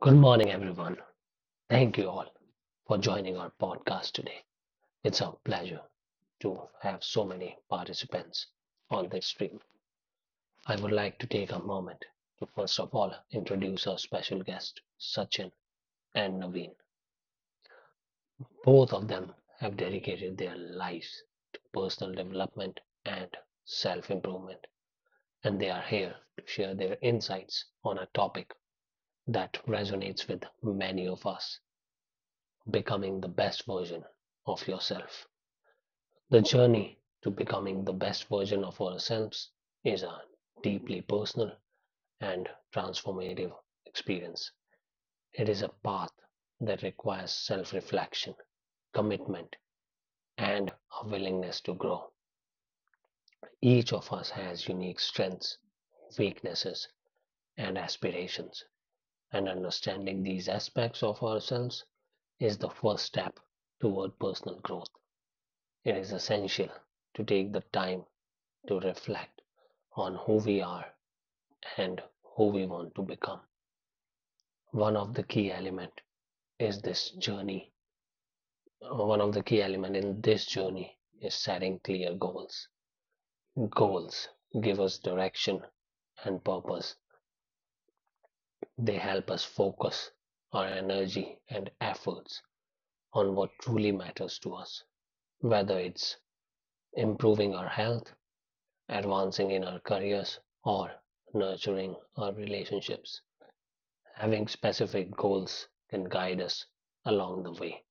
Good morning, everyone. Thank you all for joining our podcast today. It's a pleasure to have so many participants on this stream. I would like to take a moment to first of all introduce our special guests, Sachin and Naveen. Both of them have dedicated their lives to personal development and self improvement, and they are here to share their insights on a topic that resonates with many of us: becoming the best version of yourself. The journey to becoming the best version of ourselves is a deeply personal and transformative experience. It is a path that requires self reflection, commitment, and a willingness to grow. Each of us has unique strengths, weaknesses, and aspirations, and understanding these aspects of ourselves is the first step toward personal growth. It is essential to take the time to reflect on who we are and who we want to become. One of the key element is this journey. One of the key element in this journey is setting clear goals. Goals give us direction and purpose. They help us focus our energy and efforts on what truly matters to us, whether it's improving our health, advancing in our careers, or nurturing our relationships. Having specific goals can guide us along the way.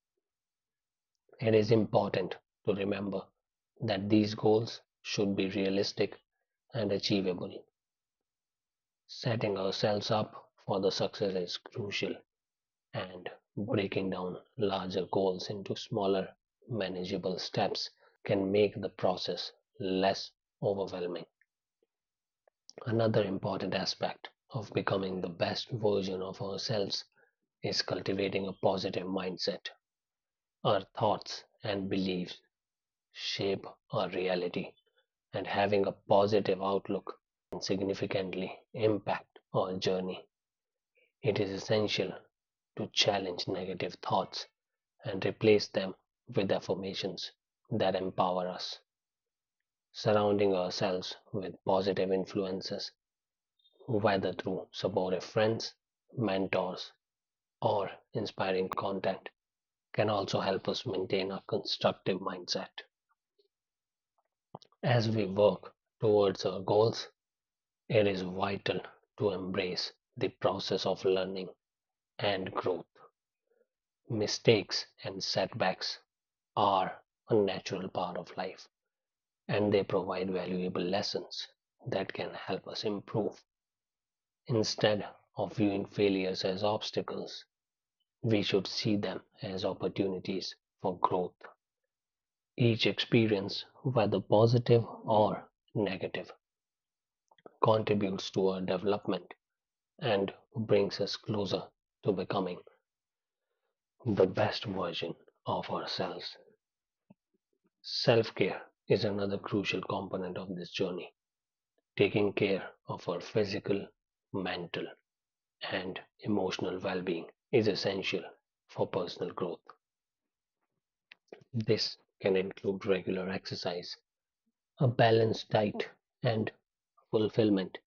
It is important to remember that these goals should be realistic and achievable. Setting ourselves up for the success is crucial, and breaking down larger goals into smaller, manageable steps can make the process less overwhelming. Another important aspect of becoming the best version of ourselves is cultivating a positive mindset. Our thoughts and beliefs shape our reality, and having a positive outlook can significantly impact our journey. It is essential to challenge negative thoughts and replace them with affirmations that empower us. Surrounding ourselves with positive influences, whether through supportive friends, mentors, or inspiring content, can also help us maintain a constructive mindset. As we work towards our goals, it is vital to embrace the process of learning and growth. Mistakes and setbacks are a natural part of life, and they provide valuable lessons that can help us improve. Instead of viewing failures as obstacles, we should see them as opportunities for growth. Each experience, whether positive or negative, contributes to our development and brings us closer to becoming the best version of ourselves. Self care is another crucial component of this journey. Taking care of our physical, mental, and emotional well being is essential for personal growth. This can include regular exercise, a balanced diet, and fulfillment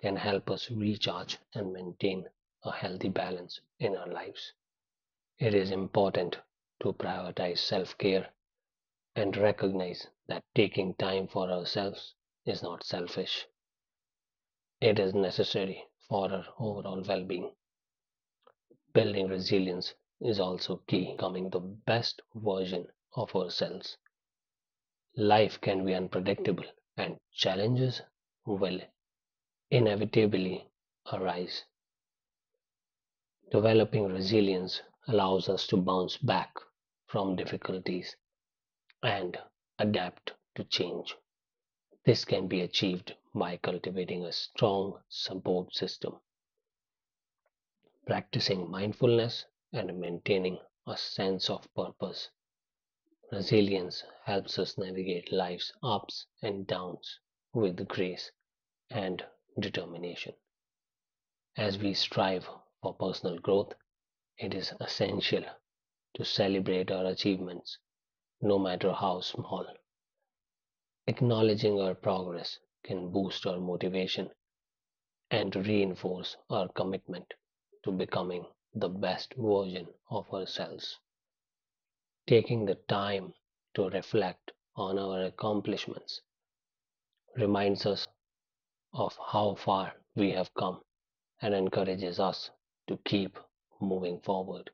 can help us recharge and maintain a healthy balance in our lives. It is important to prioritize self care and recognize that taking time for ourselves is not selfish. It is necessary for our overall well being. Building resilience is also key to becoming the best version of ourselves. Life can be unpredictable, and challenges will inevitably arise. Developing resilience allows us to bounce back from difficulties and adapt to change. This can be achieved by cultivating a strong support system, practicing mindfulness, and maintaining a sense of purpose. Resilience helps us navigate life's ups and downs with grace and determination. As we strive for personal growth, it is essential to celebrate our achievements, no matter how small. Acknowledging our progress can boost our motivation and reinforce our commitment to becoming the best version of ourselves. Taking the time to reflect on our accomplishments reminds us of how far we have come and encourages us to keep moving forward.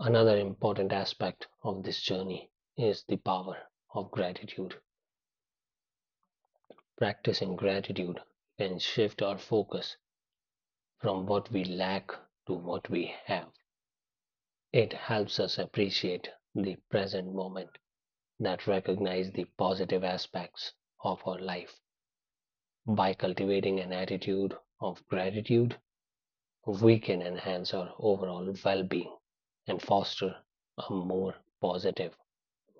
Another important aspect of this journey is the power of gratitude. Practicing gratitude can shift our focus from what we lack to what we have. It helps us appreciate the present moment that recognize the positive aspects of our life. By cultivating an attitude of gratitude, we can enhance our overall well-being and foster a more positive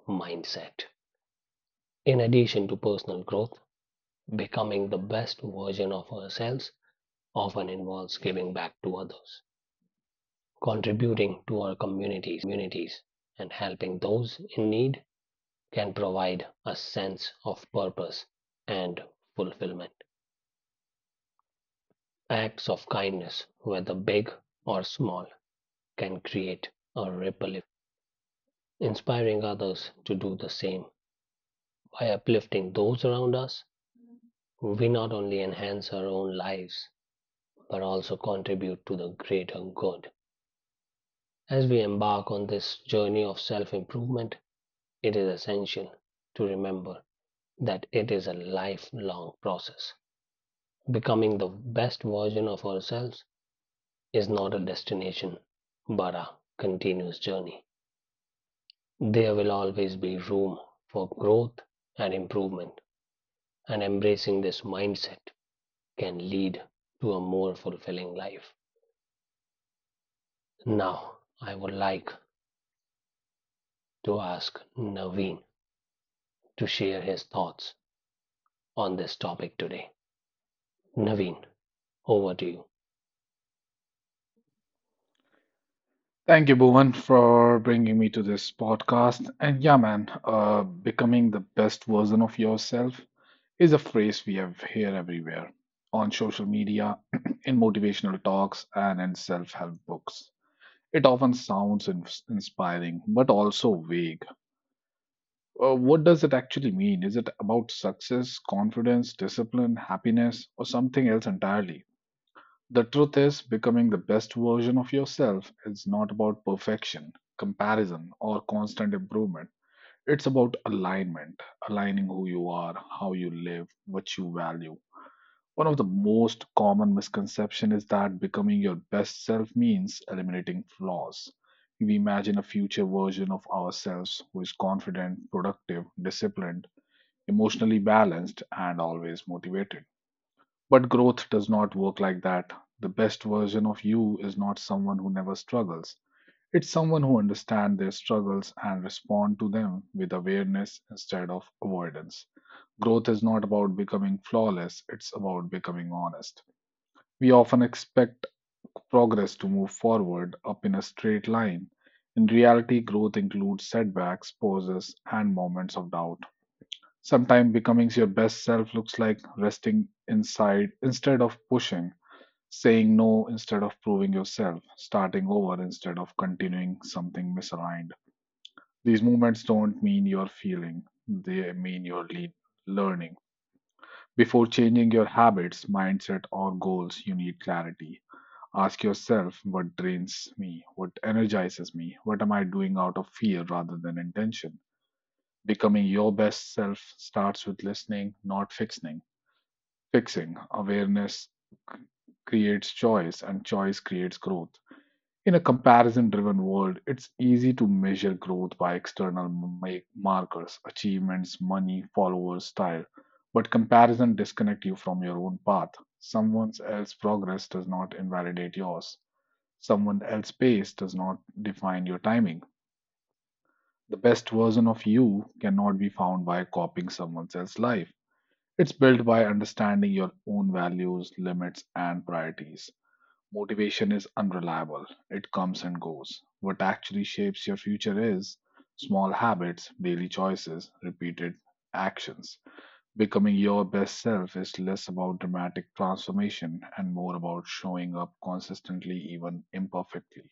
mindset. In addition to personal growth, becoming the best version of ourselves often involves giving back to others, contributing to our communities, and helping those in need can provide a sense of purpose and fulfillment. Acts of kindness, whether big or small, can create a ripple effect, inspiring others to do the same. By uplifting those around us, we not only enhance our own lives, but also contribute to the greater good. As we embark on this journey of self improvement, it is essential to remember that it is a lifelong process. Becoming the best version of ourselves is not a destination, but a continuous journey. There will always be room for growth and improvement, and embracing this mindset can lead to a more fulfilling life. Now, I would like to ask Naveen to share his thoughts on this topic today. Naveen, over to you. Thank you, Bhuvan, for bringing me to this podcast. And yeah, man, becoming the best version of yourself is a phrase we have here everywhere on social media, in motivational talks, and in self help books. It often sounds inspiring, but also vague. What does it actually mean? Is it about success, confidence, discipline, happiness, or something else entirely? The truth is, becoming the best version of yourself is not about perfection, comparison, or constant improvement. It's about alignment, aligning who you are, how you live, what you value. One of the most common misconceptions is that becoming your best self means eliminating flaws. We imagine a future version of ourselves who is confident, productive, disciplined, emotionally balanced, and always motivated. But growth does not work like that. The best version of you is not someone who never struggles. It's someone who understands their struggles and respond to them with awareness instead of avoidance. Growth is not about becoming flawless, it's about becoming honest. We often expect progress to move forward up in a straight line. In reality, growth includes setbacks, pauses, and moments of doubt. Sometimes becoming your best self looks like resting inside instead of pushing, saying no instead of proving yourself, starting over instead of continuing something misaligned. These movements don't mean you're feeling, they mean you're learning. Before changing your habits, mindset, or goals, you need clarity. Ask yourself what drains me, what energizes me, what am I doing out of fear rather than intention. Becoming your best self starts with listening, not fixing. Fixing awareness c- creates choice, and choice creates growth. In a comparison driven world, it's easy to measure growth by external make markers, achievements, money, followers, style. But comparison disconnects you from your own path. Someone else's progress does not invalidate yours. Someone else's pace does not define your timing. The best version of you cannot be found by copying someone else's life. It's built by understanding your own values, limits, and priorities. Motivation is unreliable, it comes and goes. What actually shapes your future is small habits, daily choices, repeated actions. Becoming your best self is less about dramatic transformation and more about showing up consistently, even imperfectly.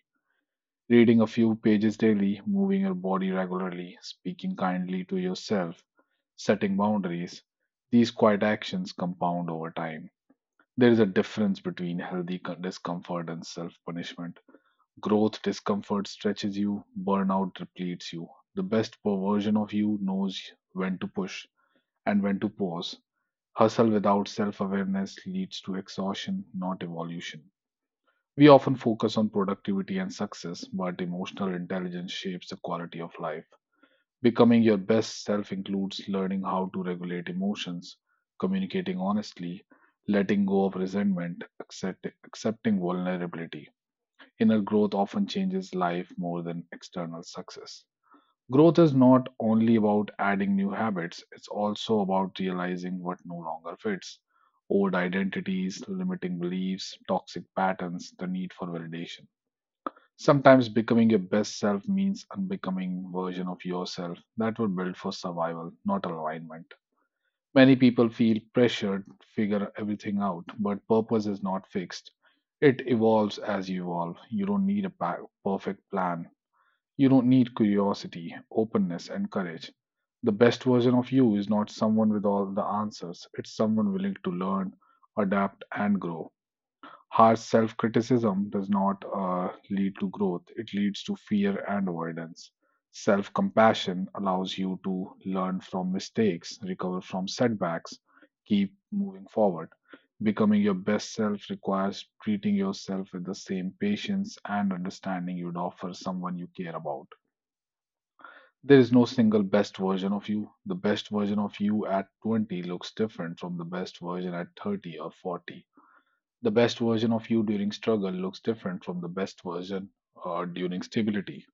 Reading a few pages daily, moving your body regularly, speaking kindly to yourself, setting boundaries, these quiet actions compound over time. There is a difference between healthy discomfort and self punishment. Growth, discomfort stretches you, burnout depletes you. The best version of you knows when to push and when to pause. Hustle without self awareness leads to exhaustion, not evolution. We often focus on productivity and success, but emotional intelligence shapes the quality of life. Becoming your best self includes learning how to regulate emotions, communicating honestly, letting go of resentment, accepting vulnerability. Inner growth often changes life more than external success. Growth is not only about adding new habits, it's also about realizing what no longer fits, old identities, limiting beliefs, toxic patterns, the need for validation. Sometimes becoming your best self means unbecoming version of yourself that were built for survival, not alignment. Many people feel pressured to figure everything out, but purpose is not fixed. It evolves as you evolve. You don't need a perfect plan. You don't need curiosity, openness, and courage. The best version of you is not someone with all the answers, it's someone willing to learn, adapt, and grow. Harsh self criticism does not lead to growth, it leads to fear and avoidance. Self compassion allows you to learn from mistakes, recover from setbacks, keep moving forward. Becoming your best self requires treating yourself with the same patience and understanding you'd offer someone you care about. There is no single best version of you. The best version of you at 20 looks different from the best version at 30 or 40. The best version of you during struggle looks different from the best version during stability.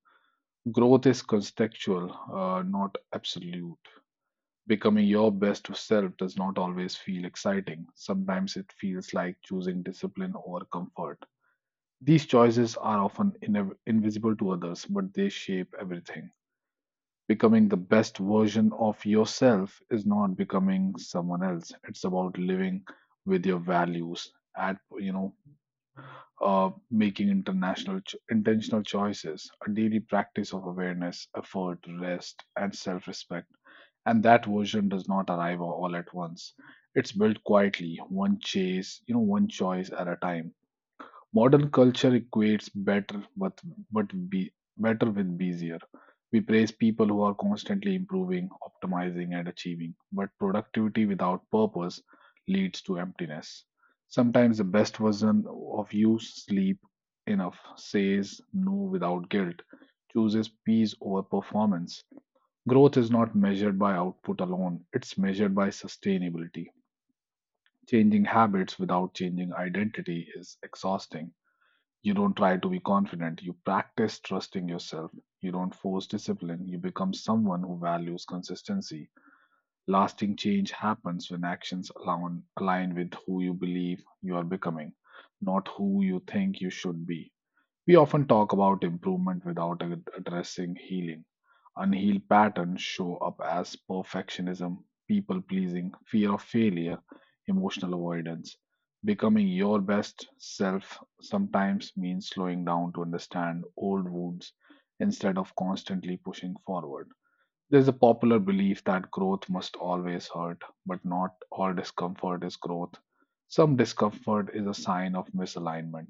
Growth is contextual, not absolute. Becoming your best self does not always feel exciting. Sometimes it feels like choosing discipline over comfort. These choices are often invisible to others, but they shape everything. Becoming the best version of yourself is not becoming someone else. It's about living with your values, at making intentional choices, a daily practice of awareness, effort, rest, and self-respect. And that version does not arrive all at once. It's built quietly, one chase, you know, one choice at a time. Modern culture equates better but be better with busier. We praise people who are constantly improving, optimizing, and achieving, but productivity without purpose leads to emptiness. Sometimes the best version of you sleep enough, says no without guilt, chooses peace over performance. Growth is not measured by output alone, it's measured by sustainability. Changing habits without changing identity is exhausting. You don't try to be confident, you practice trusting yourself. You don't force discipline, you become someone who values consistency. Lasting change happens when actions align with who you believe you are becoming, not who you think you should be. We often talk about improvement without addressing healing. Unhealed patterns show up as perfectionism, people pleasing, fear of failure, emotional avoidance. Becoming your best self sometimes means slowing down to understand old wounds instead of constantly pushing forward. There's a popular belief that growth must always hurt, but not all discomfort is growth. Some discomfort is a sign of misalignment.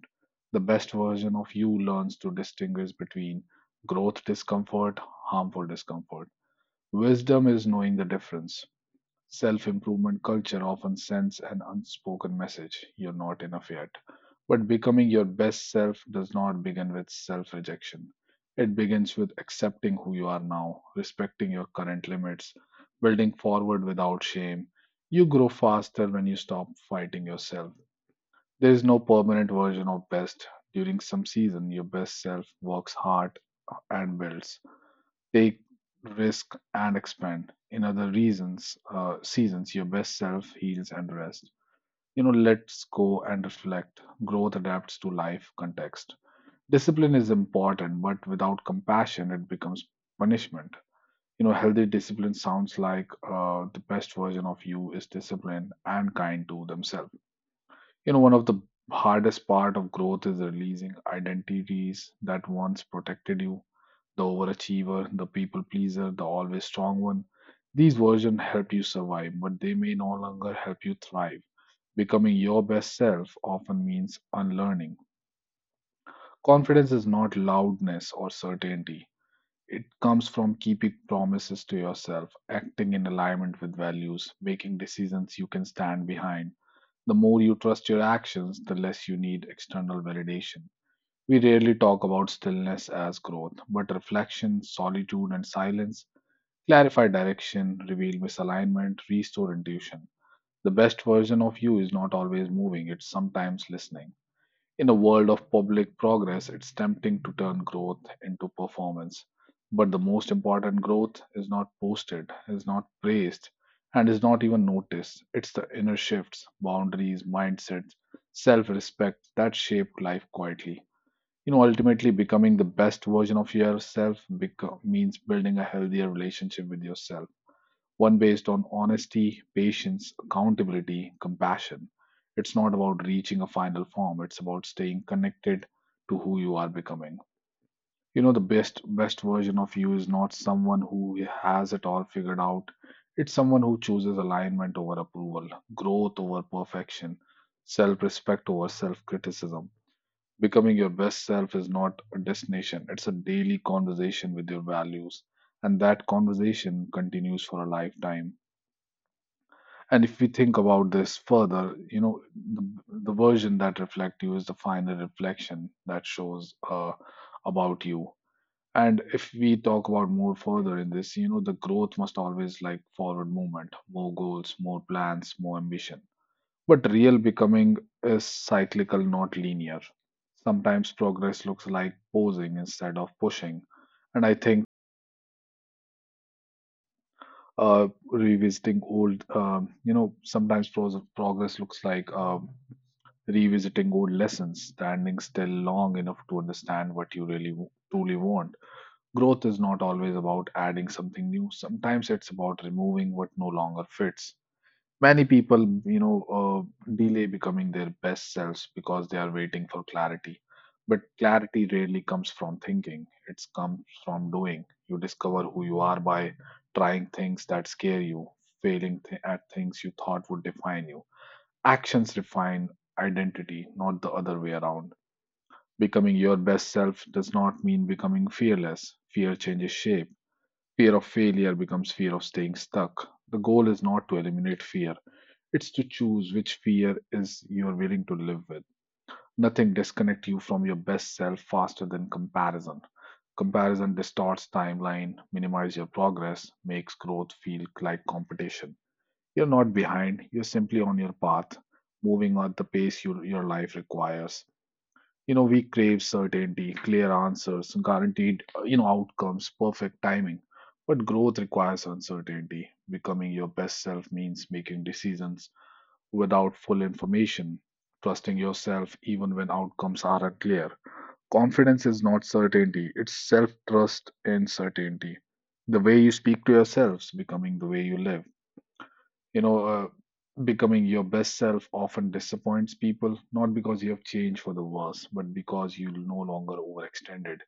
The best version of you learns to distinguish between growth discomfort, harmful discomfort. Wisdom is knowing the difference. Self improvement culture often sends an unspoken message, you're not enough yet. But becoming your best self does not begin with self rejection. It begins with accepting who you are now, respecting your current limits, building forward without shame. You grow faster when you stop fighting yourself. There is no permanent version of best. During some season, your best self works hard and builds, take risk and expand. In other seasons, your best self heals and rest. You know, let's go and reflect. Growth adapts to life context. Discipline is important, but without compassion, it becomes punishment. You know, healthy discipline sounds like, the best version of you is disciplined and kind to themselves. You know, one of the hardest part of growth is releasing identities that once protected you, the overachiever, the people pleaser, the always strong one. These versions help you survive, but they may no longer help you thrive. Becoming your best self often means unlearning. Confidence is not loudness or certainty. It comes from keeping promises to yourself, acting in alignment with values, making decisions you can stand behind. The more you trust your actions, the less you need external validation. We rarely talk about stillness as growth, but reflection, solitude, and silence clarify direction, reveal misalignment, restore intuition. The best version of you is not always moving, it's sometimes listening. In a world of public progress, it's tempting to turn growth into performance. But the most important growth is not posted, is not praised, and is not even noticed. It's the inner shifts, boundaries, mindsets, self respect that shape life quietly. You know, ultimately, becoming the best version of yourself means building a healthier relationship with yourself, one based on honesty, patience, accountability, compassion. It's not about reaching a final form, it's about staying connected to who you are becoming. You know, the best version of you is not someone who has it all figured out. It's someone who chooses alignment over approval, growth over perfection, self-respect over self-criticism. Becoming your best self is not a destination, it's a daily conversation with your values, and that conversation continues for a lifetime. And if we think about this further, you know, the version that reflects you is the final reflection that shows about you. And if we talk about more further in this, you know, the growth must always like forward movement, more goals, more plans, more ambition. But real becoming is cyclical, not linear. Sometimes progress looks like posing instead of pushing. And I think revisiting old, sometimes progress looks like revisiting old lessons, standing still long enough to understand what you really truly want. Growth is not always about adding something new, sometimes it's about removing what no longer fits. Many people delay becoming their best selves because they are waiting for clarity, but clarity rarely comes from thinking, it comes from doing. You discover who you are by trying things that scare you, failing at things you thought would define you. Actions refine identity, not the other way around. Becoming your best self does not mean becoming fearless. Fear changes shape. Fear of failure becomes fear of staying stuck. The goal is not to eliminate fear, it's to choose which fear is you're willing to live with. Nothing disconnects you from your best self faster than comparison. Comparison distorts timeline, minimizes your progress, makes growth feel like competition. You're not behind, you're simply on your path, moving at the pace your life requires. We crave certainty, clear answers, guaranteed, outcomes, perfect timing. But growth requires uncertainty. Becoming your best self means making decisions without full information, trusting yourself even when outcomes are unclear. Confidence is not certainty, it's self trust and certainty. The way you speak to yourselves, becoming the way you live. You know, uh, Becoming your best self often disappoints people, not because you have changed for the worse, but because you no longer overextended.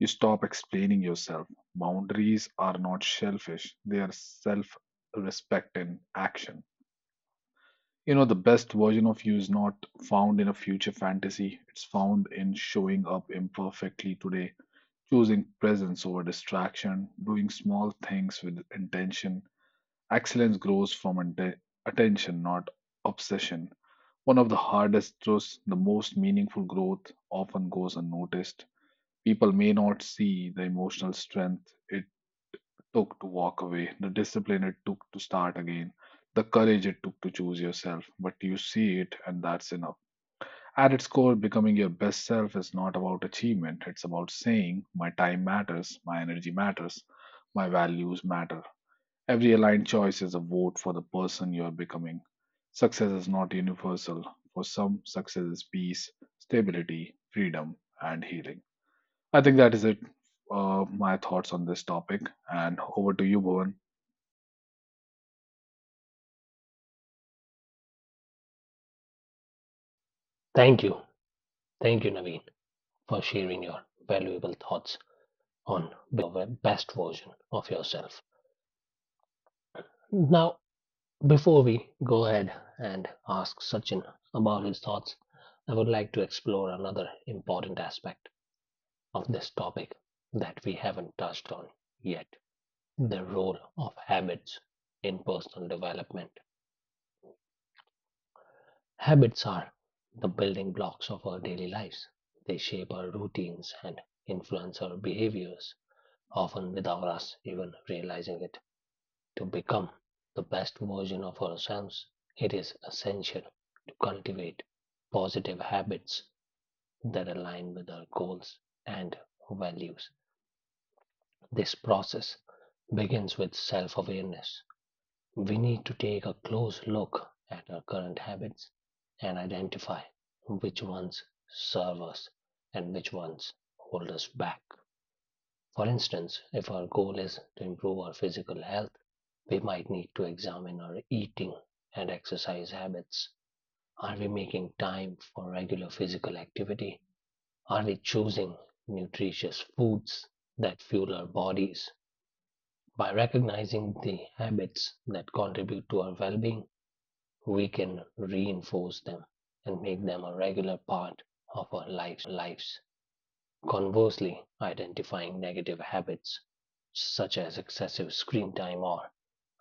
You stop explaining yourself. Boundaries are not selfish; they are self respect in action. The best version of you is not found in a future fantasy. It's found in showing up imperfectly today, choosing presence over distraction, doing small things with intention. Excellence grows from attention, not obsession. One of the hardest truths, the most meaningful growth often goes unnoticed. People may not see the emotional strength it took to walk away, the discipline it took to start again, the courage it took to choose yourself. But you see it, and that's enough. At its core, becoming your best self is not about achievement, it's about saying, my time matters, my energy matters, my values matter. Every aligned choice is a vote for the person you are becoming. Success is not universal. For some, success is peace, stability, freedom, and healing. I think that is it. My thoughts on this topic, and over to you, Bhuvan. Thank you. Thank you, Naveen, for sharing your valuable thoughts on becoming the best version of yourself. Now, before we go ahead and ask Sachin about his thoughts, I would like to explore another important aspect of this topic that we haven't touched on yet: the role of habits in personal development. Habits are the building blocks of our daily lives, they shape our routines and influence our behaviors, often without us even realizing it. To become the best version of ourselves, it is essential to cultivate positive habits that align with our goals and values. This process begins with self awareness. We need to take a close look at our current habits and identify which ones serve us and which ones hold us back. For instance, if our goal is to improve our physical health, we might need to examine our eating and exercise habits. Are we making time for regular physical activity? Are we choosing nutritious foods that fuel our bodies? By recognizing the habits that contribute to our well being, we can reinforce them and make them a regular part of our lives. Conversely, identifying negative habits such as excessive screen time or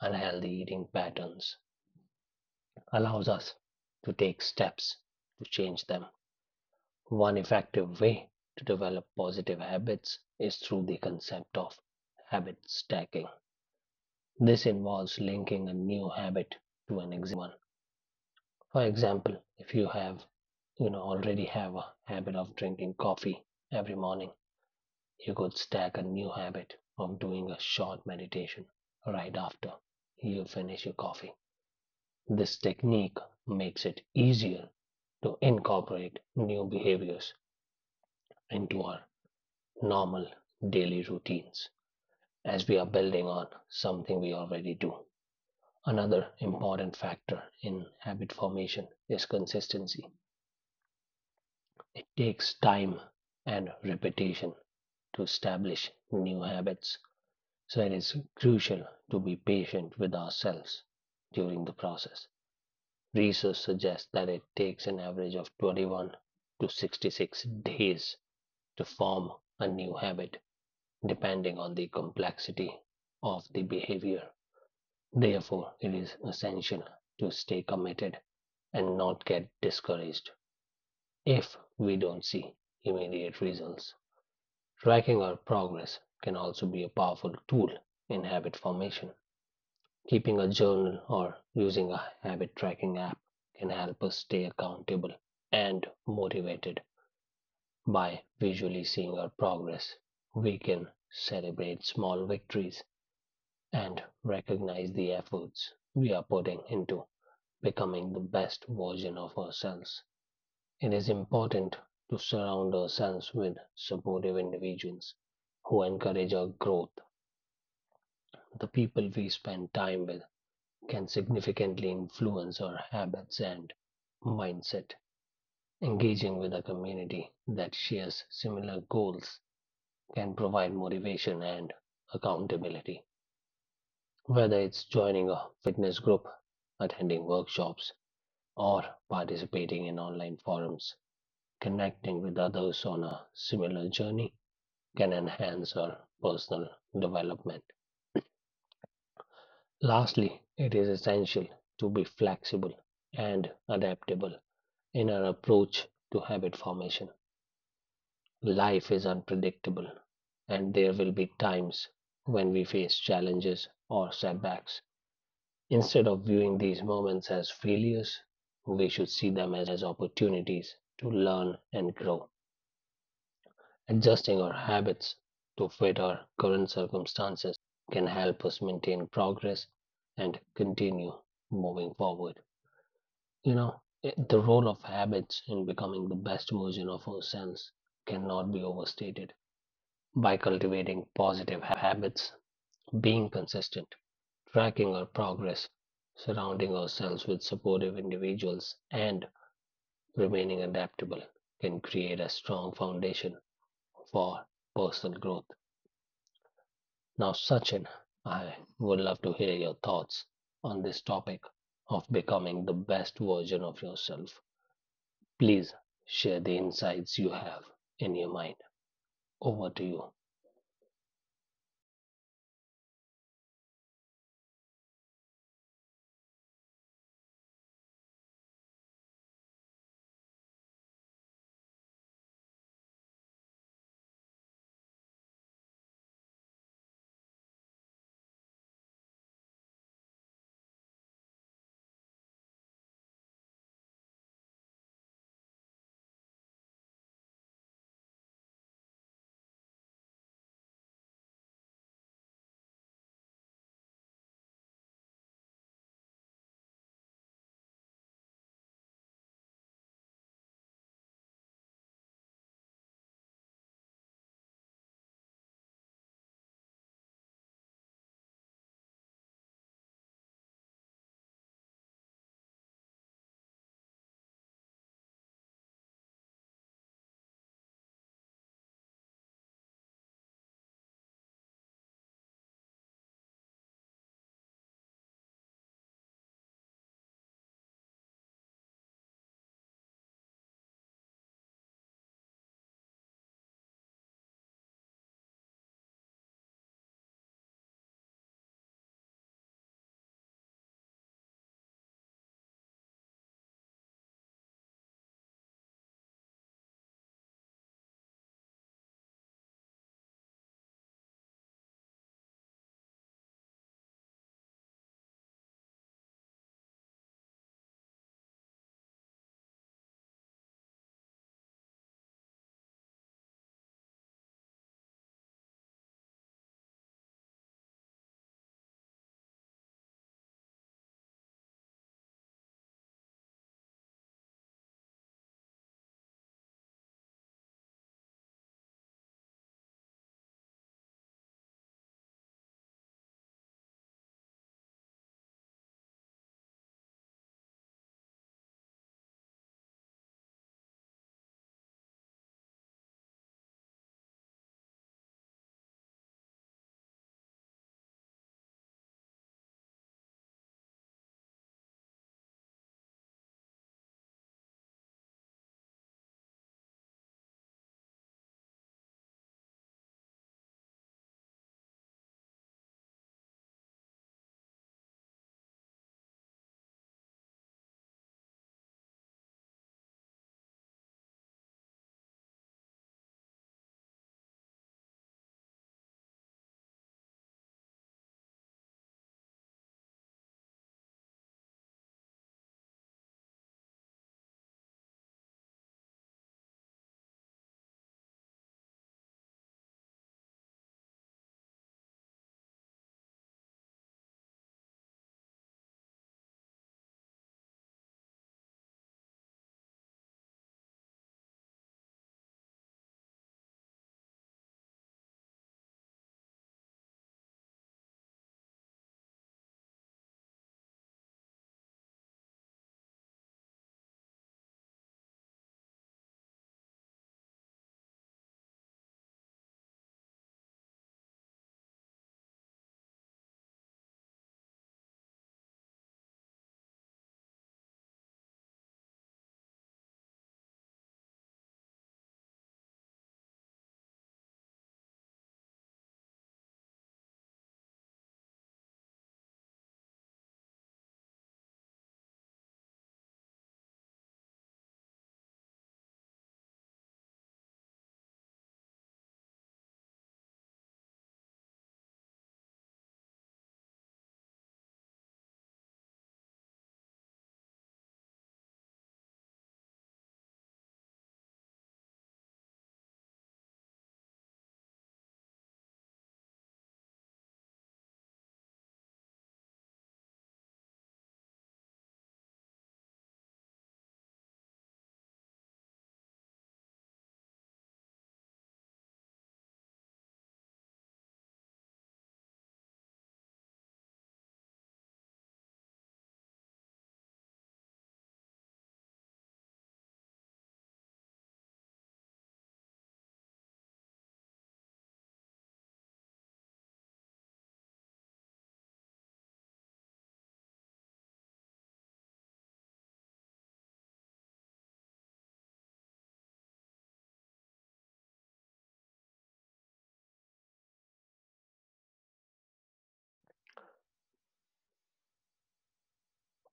unhealthy eating patterns allows us to take steps to change them. One effective way to develop positive habits is through the concept of habit stacking. This involves linking a new habit to an existing one. For example, if you have you know already have a habit of drinking coffee every morning. You could stack a new habit of doing a short meditation right after you finish your coffee. This technique makes it easier to incorporate new behaviors into our normal daily routines as we are building on something we already do. Another important factor in habit formation is consistency. It takes time and repetition to establish new habits. So it is crucial to be patient with ourselves during the process. Research suggests that it takes an average of 21 to 66 days to form a new habit, depending on the complexity of the behavior. Therefore, it is essential to stay committed and not get discouraged if we don't see immediate results. Tracking our progress can also be a powerful tool in habit formation. Keeping a journal or using a habit tracking app can help us stay accountable and motivated by visually seeing our progress. We can celebrate small victories and recognize the efforts we are putting into becoming the best version of ourselves. It is important to surround ourselves with supportive individuals who encourage our growth. The people we spend time with can significantly influence our habits and mindset. Engaging with a community that shares similar goals can provide motivation and accountability. Whether it's joining a fitness group, attending workshops, or participating in online forums, connecting with others on a similar journey can enhance our personal development. Lastly, it is essential to be flexible and adaptable in our approach to habit formation. Life is unpredictable, and there will be times when we face challenges or setbacks. Instead of viewing these moments as failures, we should see them as opportunities to learn and grow. Adjusting our habits to fit our current circumstances can help us maintain progress and continue moving forward. The role of habits in becoming the best version of ourselves cannot be overstated. By cultivating positive habits, being consistent, tracking our progress, surrounding ourselves with supportive individuals, and remaining adaptable can create a strong foundation for personal growth. Now, Sachin, I would love to hear your thoughts on this topic of becoming the best version of yourself. Please share the insights you have in your mind. Over to you.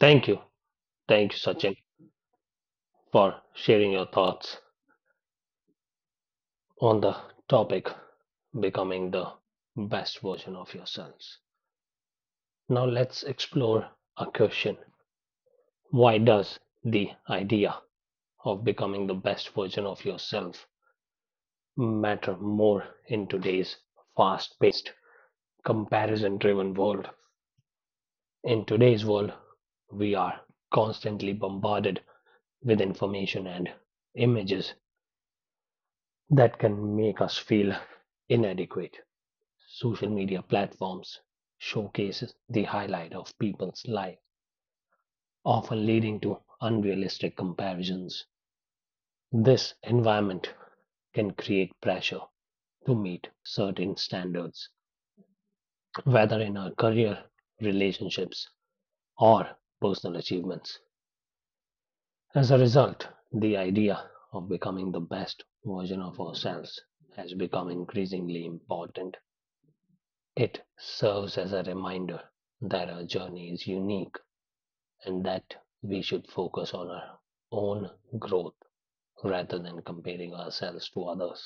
Thank you. Thank you, Sachin, for sharing your thoughts on the topic: becoming the best version of yourselves. Now let's explore a question. Why does the idea of becoming the best version of yourself matter more in today's fast paced, comparison driven world? In today's world, we are constantly bombarded with information and images that can make us feel inadequate. Social media platforms showcase the highlight of people's life, often leading to unrealistic comparisons. This environment can create pressure to meet certain standards, whether in our career, relationships, or personal achievements. As a result, the idea of becoming the best version of ourselves has become increasingly important. It serves as a reminder that our journey is unique and that we should focus on our own growth rather than comparing ourselves to others.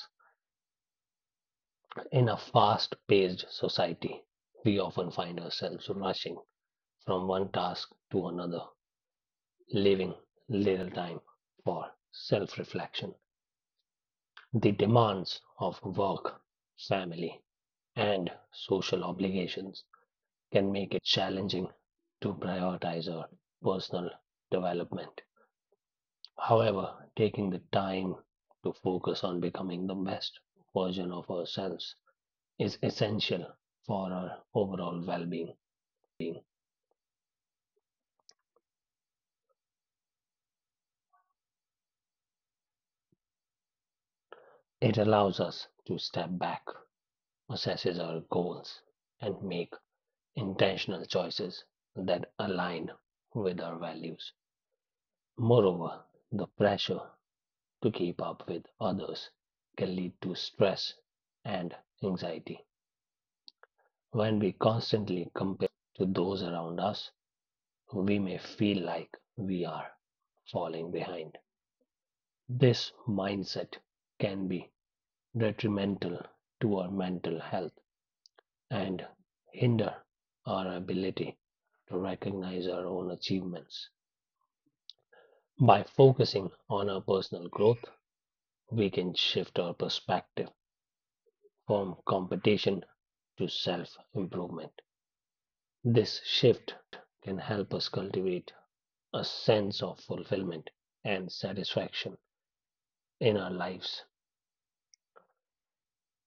In a fast paced society, we often find ourselves rushing from one task to another, leaving little time for self reflection. The demands of work, family, and social obligations can make it challenging to prioritize our personal development. However, taking the time to focus on becoming the best version of ourselves is essential for our overall well being. It allows us to step back, assesses our goals, and make intentional choices that align with our values. Moreover, the pressure to keep up with others can lead to stress and anxiety. When we constantly compare ourselves to those around us, we may feel like we are falling behind. This mindset can be detrimental to our mental health and hinder our ability to recognize our own achievements. By focusing on our personal growth, we can shift our perspective from competition to self improvement. This shift can help us cultivate a sense of fulfillment and satisfaction in our lives.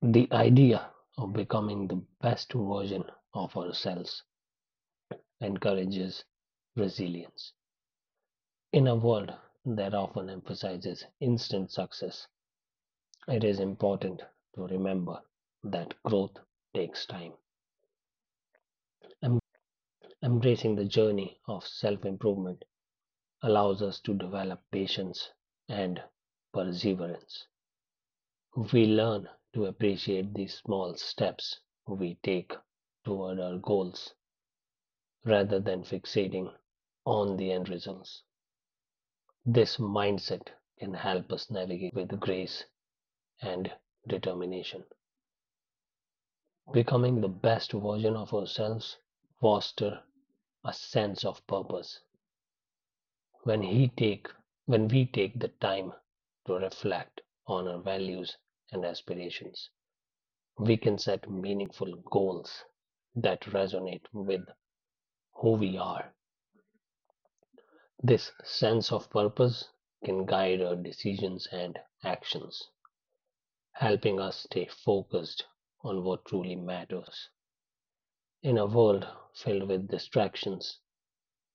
The idea of becoming the best version of ourselves encourages resilience. In a world that often emphasizes instant success, it is important to remember that growth takes time. Embracing the journey of self improvement allows us to develop patience and perseverance. We learn to appreciate the small steps we take toward our goals rather than fixating on the end results. This mindset can help us navigate challenges with grace and determination. Becoming the best version of ourselves fosters a sense of purpose when he take when we take the time to reflect on our values and aspirations, we can set meaningful goals that resonate with who we are. This sense of purpose can guide our decisions and actions, helping us stay focused on what truly matters. In a world filled with distractions,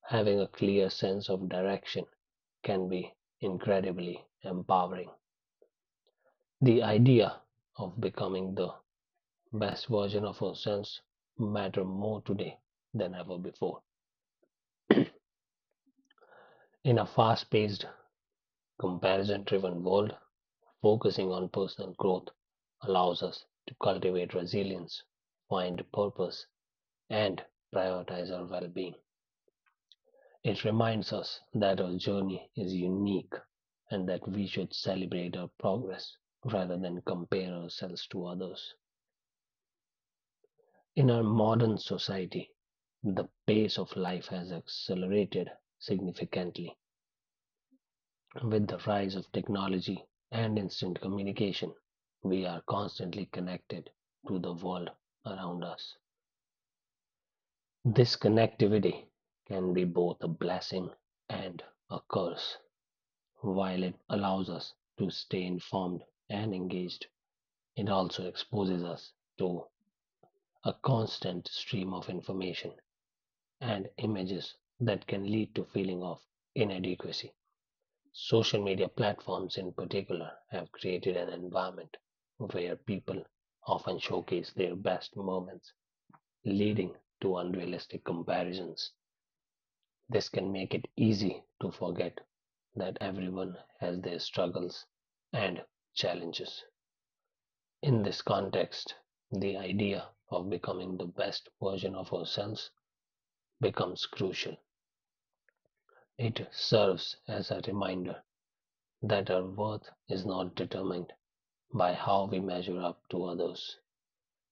having a clear sense of direction can be incredibly empowering. The idea of becoming the best version of ourselves matter more today than ever before. In a fast-paced, comparison-driven world, focusing on personal growth allows us to cultivate resilience, find purpose, and prioritize our well-being. It reminds us that our journey is unique and that we should celebrate our progress rather than compare ourselves to others. In our modern society, the pace of life has accelerated significantly. With the rise of technology and instant communication, we are constantly connected to the world around us. This connectivity can be both a blessing and a curse. While it allows us to stay informed and engaged, it also exposes us to a constant stream of information and images that can lead to feeling of inadequacy. Social media platforms in particular have created an environment where people often showcase their best moments, leading to unrealistic comparisons. This can make it easy to forget that everyone has their struggles and challenges. In this context, the idea of becoming the best version of ourselves becomes crucial. It serves as a reminder that our worth is not determined by how we measure up to others.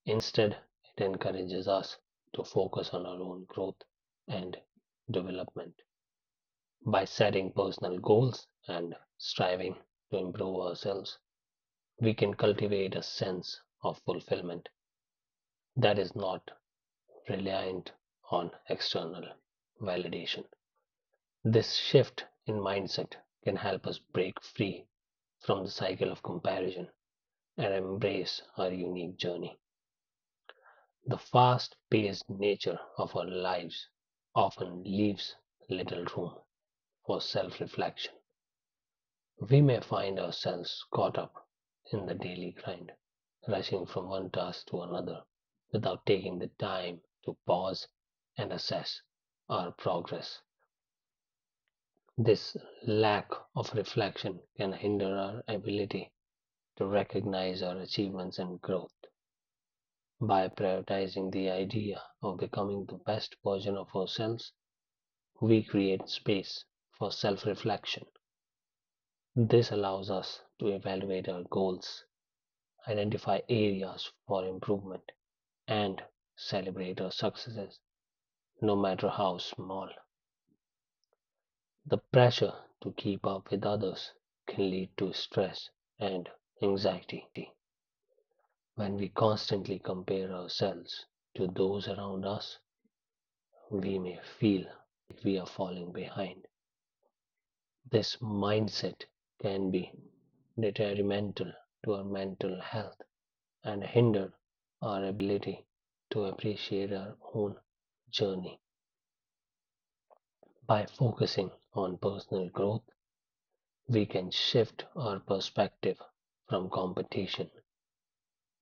Instead, it encourages us to focus on our own growth and development. By setting personal goals and striving to improve ourselves, we can cultivate a sense of fulfillment that is not reliant on external validation. This shift in mindset can help us break free from the cycle of comparison and embrace our unique journey. The fast paced nature of our lives often leaves little room for self reflection. We may find ourselves caught up in the daily grind, rushing from one task to another without taking the time to pause and assess our progress. This lack of reflection can hinder our ability to recognize our achievements and growth. By prioritizing the idea of becoming the best version of ourselves, we create space for self reflection. This allows us to evaluate our goals, identify areas for improvement, and celebrate our successes, no matter how small. The pressure to keep up with others can lead to stress and anxiety. When we constantly compare ourselves to those around us, we may feel like we are falling behind. This mindset can be detrimental to our mental health and hinder our ability to appreciate our own journey. By focusing on personal growth, we can shift our perspective from competition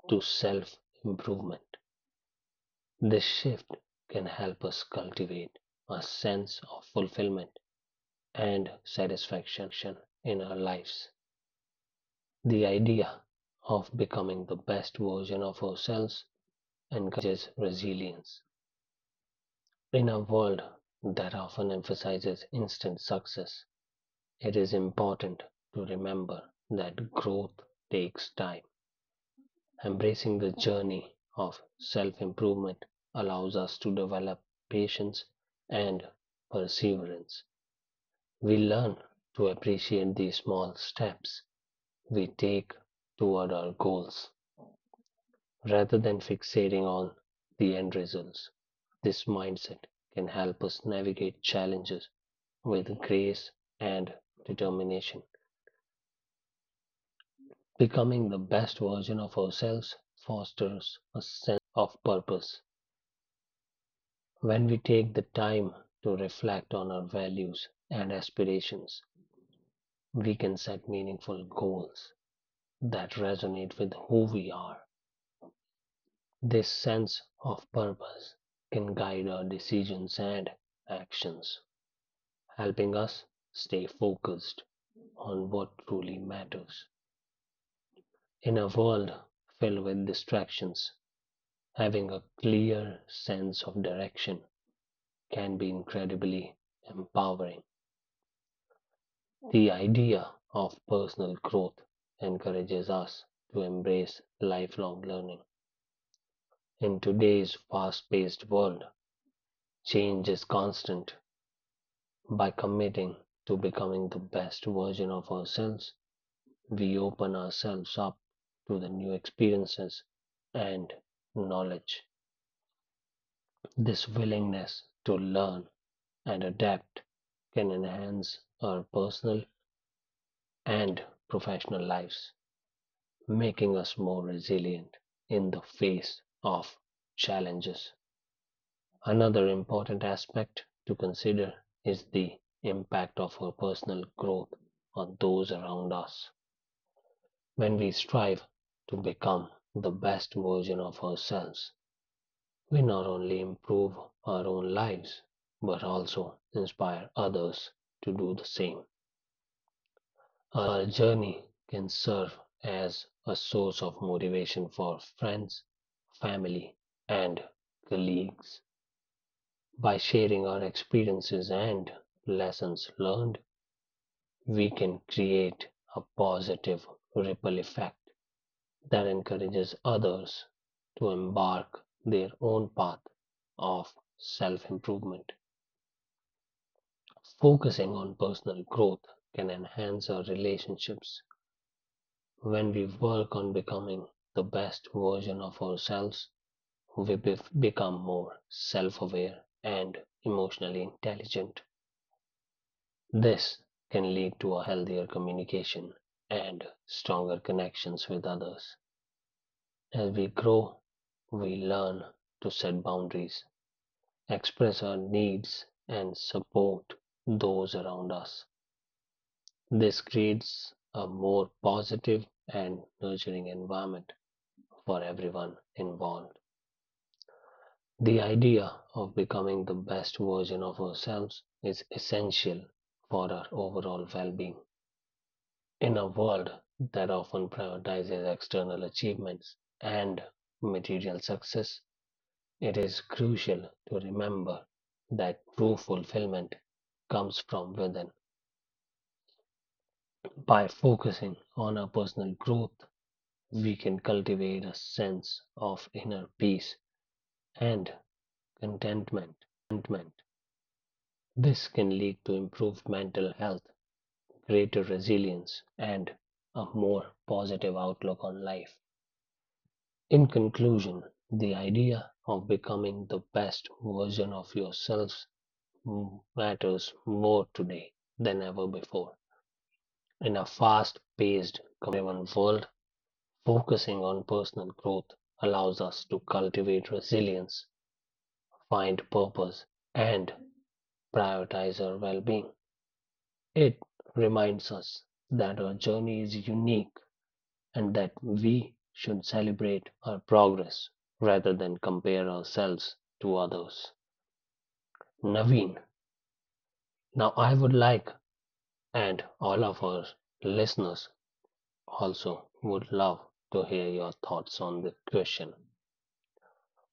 to self improvement. This shift can help us cultivate a sense of fulfillment and satisfaction in our lives. The idea of becoming the best version of ourselves encourages resilience. In a world that often emphasizes instant success, it is important to remember that growth takes time. Embracing the journey of self improvement allows us to develop patience and perseverance. We learn to appreciate the small steps we take toward our goals. Rather than fixating on the end results, this mindset can help us navigate challenges with grace and determination. Becoming the best version of ourselves fosters a sense of purpose. When we take the time to reflect on our values and aspirations, we can set meaningful goals that resonate with who we are. This sense of purpose can guide our decisions and actions, helping us stay focused on what truly matters. In a world filled with distractions, having a clear sense of direction can be incredibly empowering. The idea of personal growth encourages us to embrace lifelong learning. In today's fast paced world, change is constant. By committing to becoming the best version of ourselves, we open ourselves up to the new experiences and knowledge. This willingness to learn and adapt can enhance our personal and professional lives, making us more resilient in the face of challenges. Another important aspect to consider is the impact of our personal growth on those around us. When we strive to become the best version of ourselves, we not only improve our own lives, but also inspire others to do the same. Our journey can serve as a source of motivation for friends, family, and colleagues. By sharing our experiences and lessons learned, we can create a positive ripple effect that encourages others to embark their own path of self improvement. Focusing on personal growth can enhance our relationships. When we work on becoming the best version of ourselves, we become more self aware and emotionally intelligent. This can lead to a healthier communication and stronger connections with others. As we grow, we learn to set boundaries, express our needs, and support those around us. This creates a more positive and nurturing environment for everyone involved. The idea of becoming the best version of ourselves is essential for our overall well being. In a world that often prioritizes external achievements and material success, it is crucial to remember that true fulfillment comes from within. By focusing on our personal growth, we can cultivate a sense of inner peace and contentment. This can lead to improved mental health, greater resilience, and a more positive outlook on life. In conclusion, the idea of becoming the best version of yourself matters more today than ever before. In a fast paced, comparison driven world, focusing on personal growth allows us to cultivate resilience, find purpose, and prioritize our well being. It reminds us that our journey is unique and that we should celebrate our progress rather than compare ourselves to others. Naveen, now I would like, and all of our listeners also would love to hear your thoughts on this question.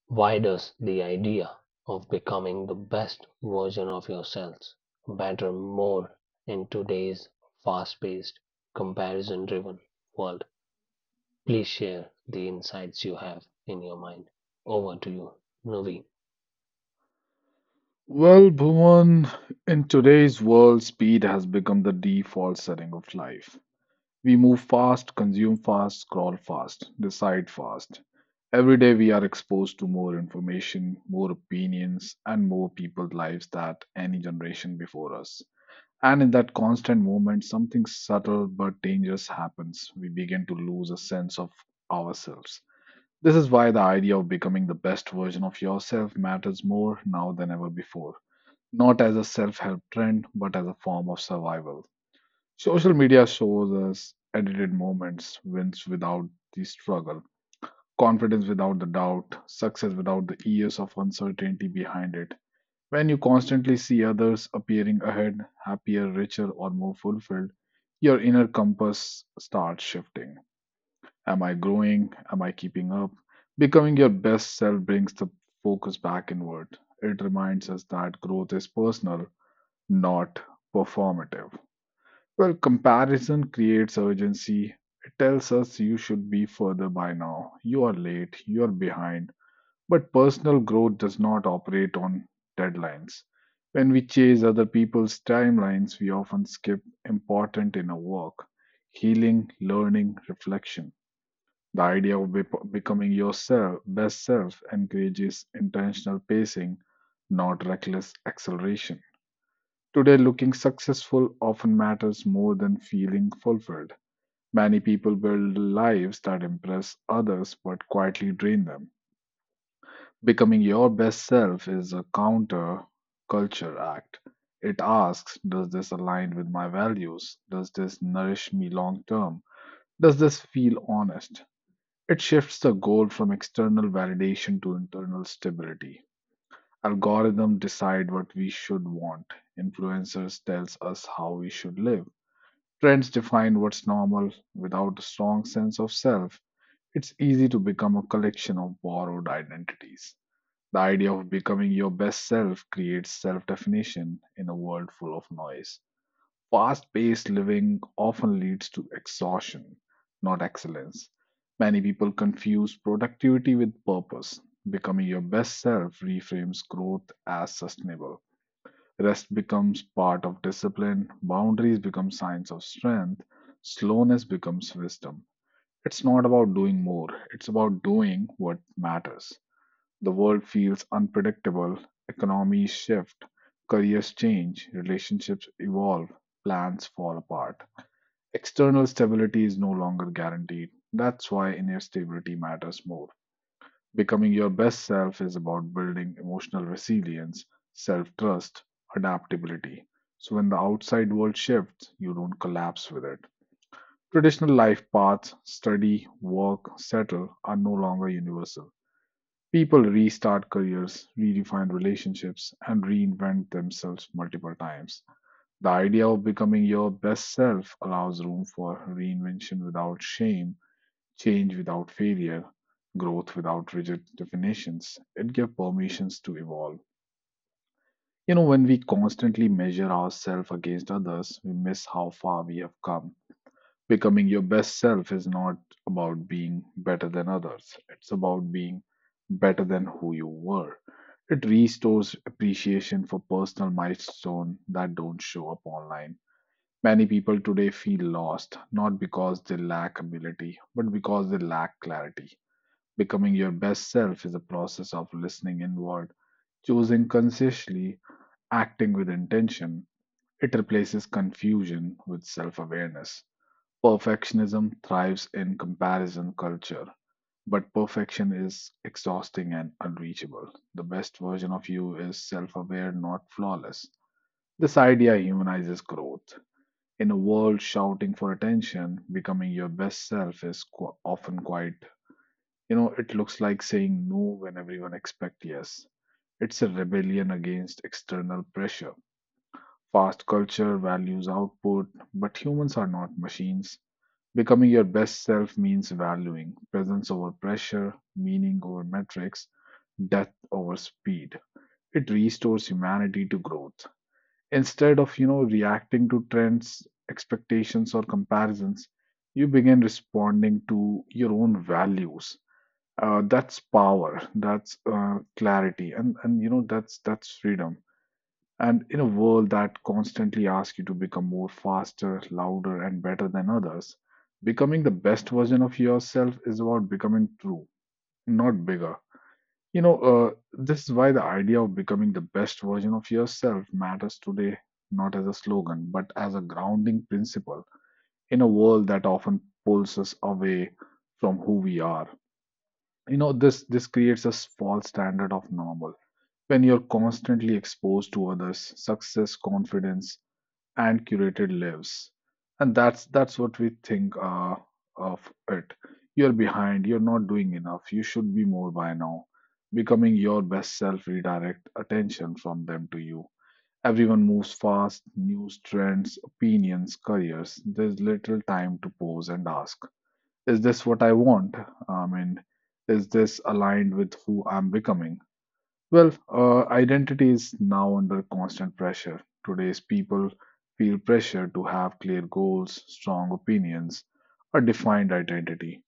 Why does the idea of becoming the best version of yourselves matter more in today's fast paced, comparison driven world? Please share the insights you have in your mind. Over to you, Naveen. Well, Bhuvan, in today's world, speed has become the default setting of life. We move fast, consume fast, scroll fast, decide fast. Every day we are exposed to more information, more opinions, and more people's lives that any generation before us. And in that constant movement, something subtle but dangerous happens. We begin to lose a sense of ourselves. This is why the idea of becoming the best version of yourself matters more now than ever before, not as a self help trend, but as a form of survival. Social media shows us edited moments, wins without the struggle, confidence without the doubt, success without the years of uncertainty behind it. When you constantly see others appearing ahead, happier, richer, or more fulfilled, your inner compass starts shifting. Am I growing? Am I keeping up? Becoming your best self brings the focus back inward. It reminds us that growth is personal, not performative. Well, comparison creates urgency. It tells us you should be further by now. You are late, you are behind. But personal growth does not operate on deadlines. When we chase other people's timelines, we often skip important inner work, healing, learning, reflection. The idea of becoming yourself, best self encourages intentional pacing, not reckless acceleration. Today, looking successful often matters more than feeling fulfilled. Many people build lives that impress others but quietly drain them. Becoming your best self is a counter culture act. It asks, does this align with my values? Does this nourish me long term? Does this feel honest? It shifts the goal from external validation to internal stability. Algorithms decide what we should want. Influencers tells us how we should live. Trends define what's normal. Without a strong sense of self, it's easy to become a collection of borrowed identities. The idea of becoming your best self creates self definition in a world full of noise. Fast paced living often leads to exhaustion, not excellence. Many people confuse productivity with purpose. Becoming your best self reframes growth as sustainable. Rest becomes part of discipline, boundaries become signs of strength, slowness becomes wisdom. It's not about doing more, it's about doing what matters. The world feels unpredictable, economies shift, careers change, relationships evolve, plans fall apart. External stability is no longer guaranteed. That's why inner stability matters more. Becoming your best self is about building emotional resilience, self trust, adaptability. So when the outside world shifts, you don't collapse with it. Traditional life paths, study, work, settle, are no longer universal. People restart careers, redefine relationships, and reinvent themselves multiple times. The idea of becoming your best self allows room for reinvention without shame, change without failure, growth without rigid definitions. It gives permissions to evolve. When we constantly measure ourselves against others, we miss how far we have come. Becoming your best self is not about being better than others, it's about being better than who you were. It restores appreciation for personal milestones that don't show up online. Many people today feel lost, not because they lack ability, but because they lack clarity. Becoming your best self is a process of listening inward, choosing consciously, acting with intention. It replaces confusion with self awareness. Perfectionism thrives in comparison culture, but perfection is exhausting and unreachable. The best version of you is self aware, not flawless. This idea humanizes growth. In a world shouting for attention, becoming your best self is often quite, it looks like saying no when everyone expects yes. It's a rebellion against external pressure. Fast culture values output, but humans are not machines. Becoming your best self means valuing presence over pressure, meaning over metrics, depth over speed. It restores humanity to growth. Instead of reacting to trends, expectations, or comparisons, you begin responding to your own values. That's power, that's clarity, and that's freedom. And in a world that constantly asks you to become more, faster, louder, and better than others, becoming the best version of yourself is about becoming true, not bigger. This is why the idea of becoming the best version of yourself matters today, not as a slogan but as a grounding principle in a world that often pulls us away from who we are. This creates a false standard of normal. When you're constantly exposed to others success, confidence, and curated lives, and that's what we think of it, you're behind, you're not doing enough, you should be more by now. Becoming your best self redirect attention from them to you. Everyone moves fast, news, trends, opinions, careers. There's little time to pause and ask, is this what I want? I mean, is this aligned with who I'm becoming? Well, identity is now under constant pressure. Today's people feel pressure to have clear goals, strong opinions, a defined identity.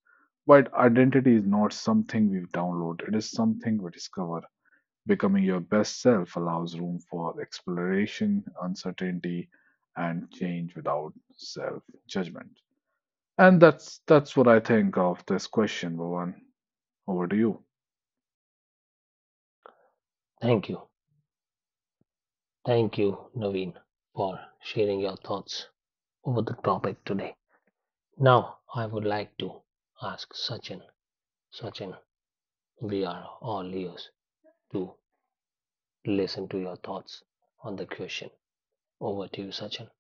But identity is not something we download, it is something we discover. Becoming your best self allows room for exploration, uncertainty, and change without self judgment. And that's what I think of this question, Bhuvan. Over to you. Thank you. Thank you, Naveen, for sharing your thoughts over the topic today. Now, I would like to ask Sachin. Sachin, we are all ears to listen to your thoughts on the question. Over to you, Sachin.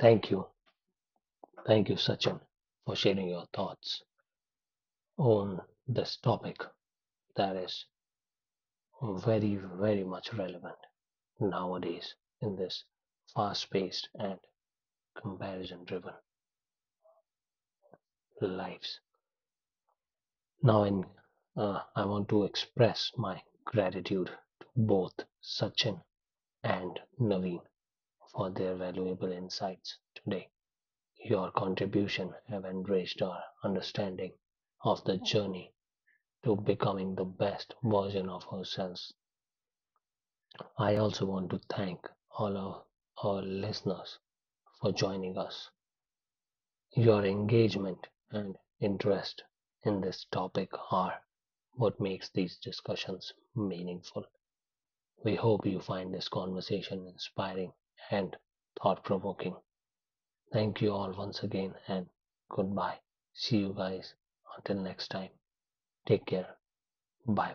Thank you. Thank you, Sachin, for sharing your thoughts on this topic that is very, very much relevant nowadays in this fast paced and comparison driven lives. Now, I want to express my gratitude to both Sachin and Naveen for their valuable insights today. Your contribution have enriched our understanding of the journey to becoming the best version of ourselves. I also want to thank all of our listeners for joining us. Your engagement and interest in this topic are what makes these discussions meaningful. We hope you find this conversation inspiring and thought provoking. Thank you all once again and goodbye. See you guys until next time. Take care. Bye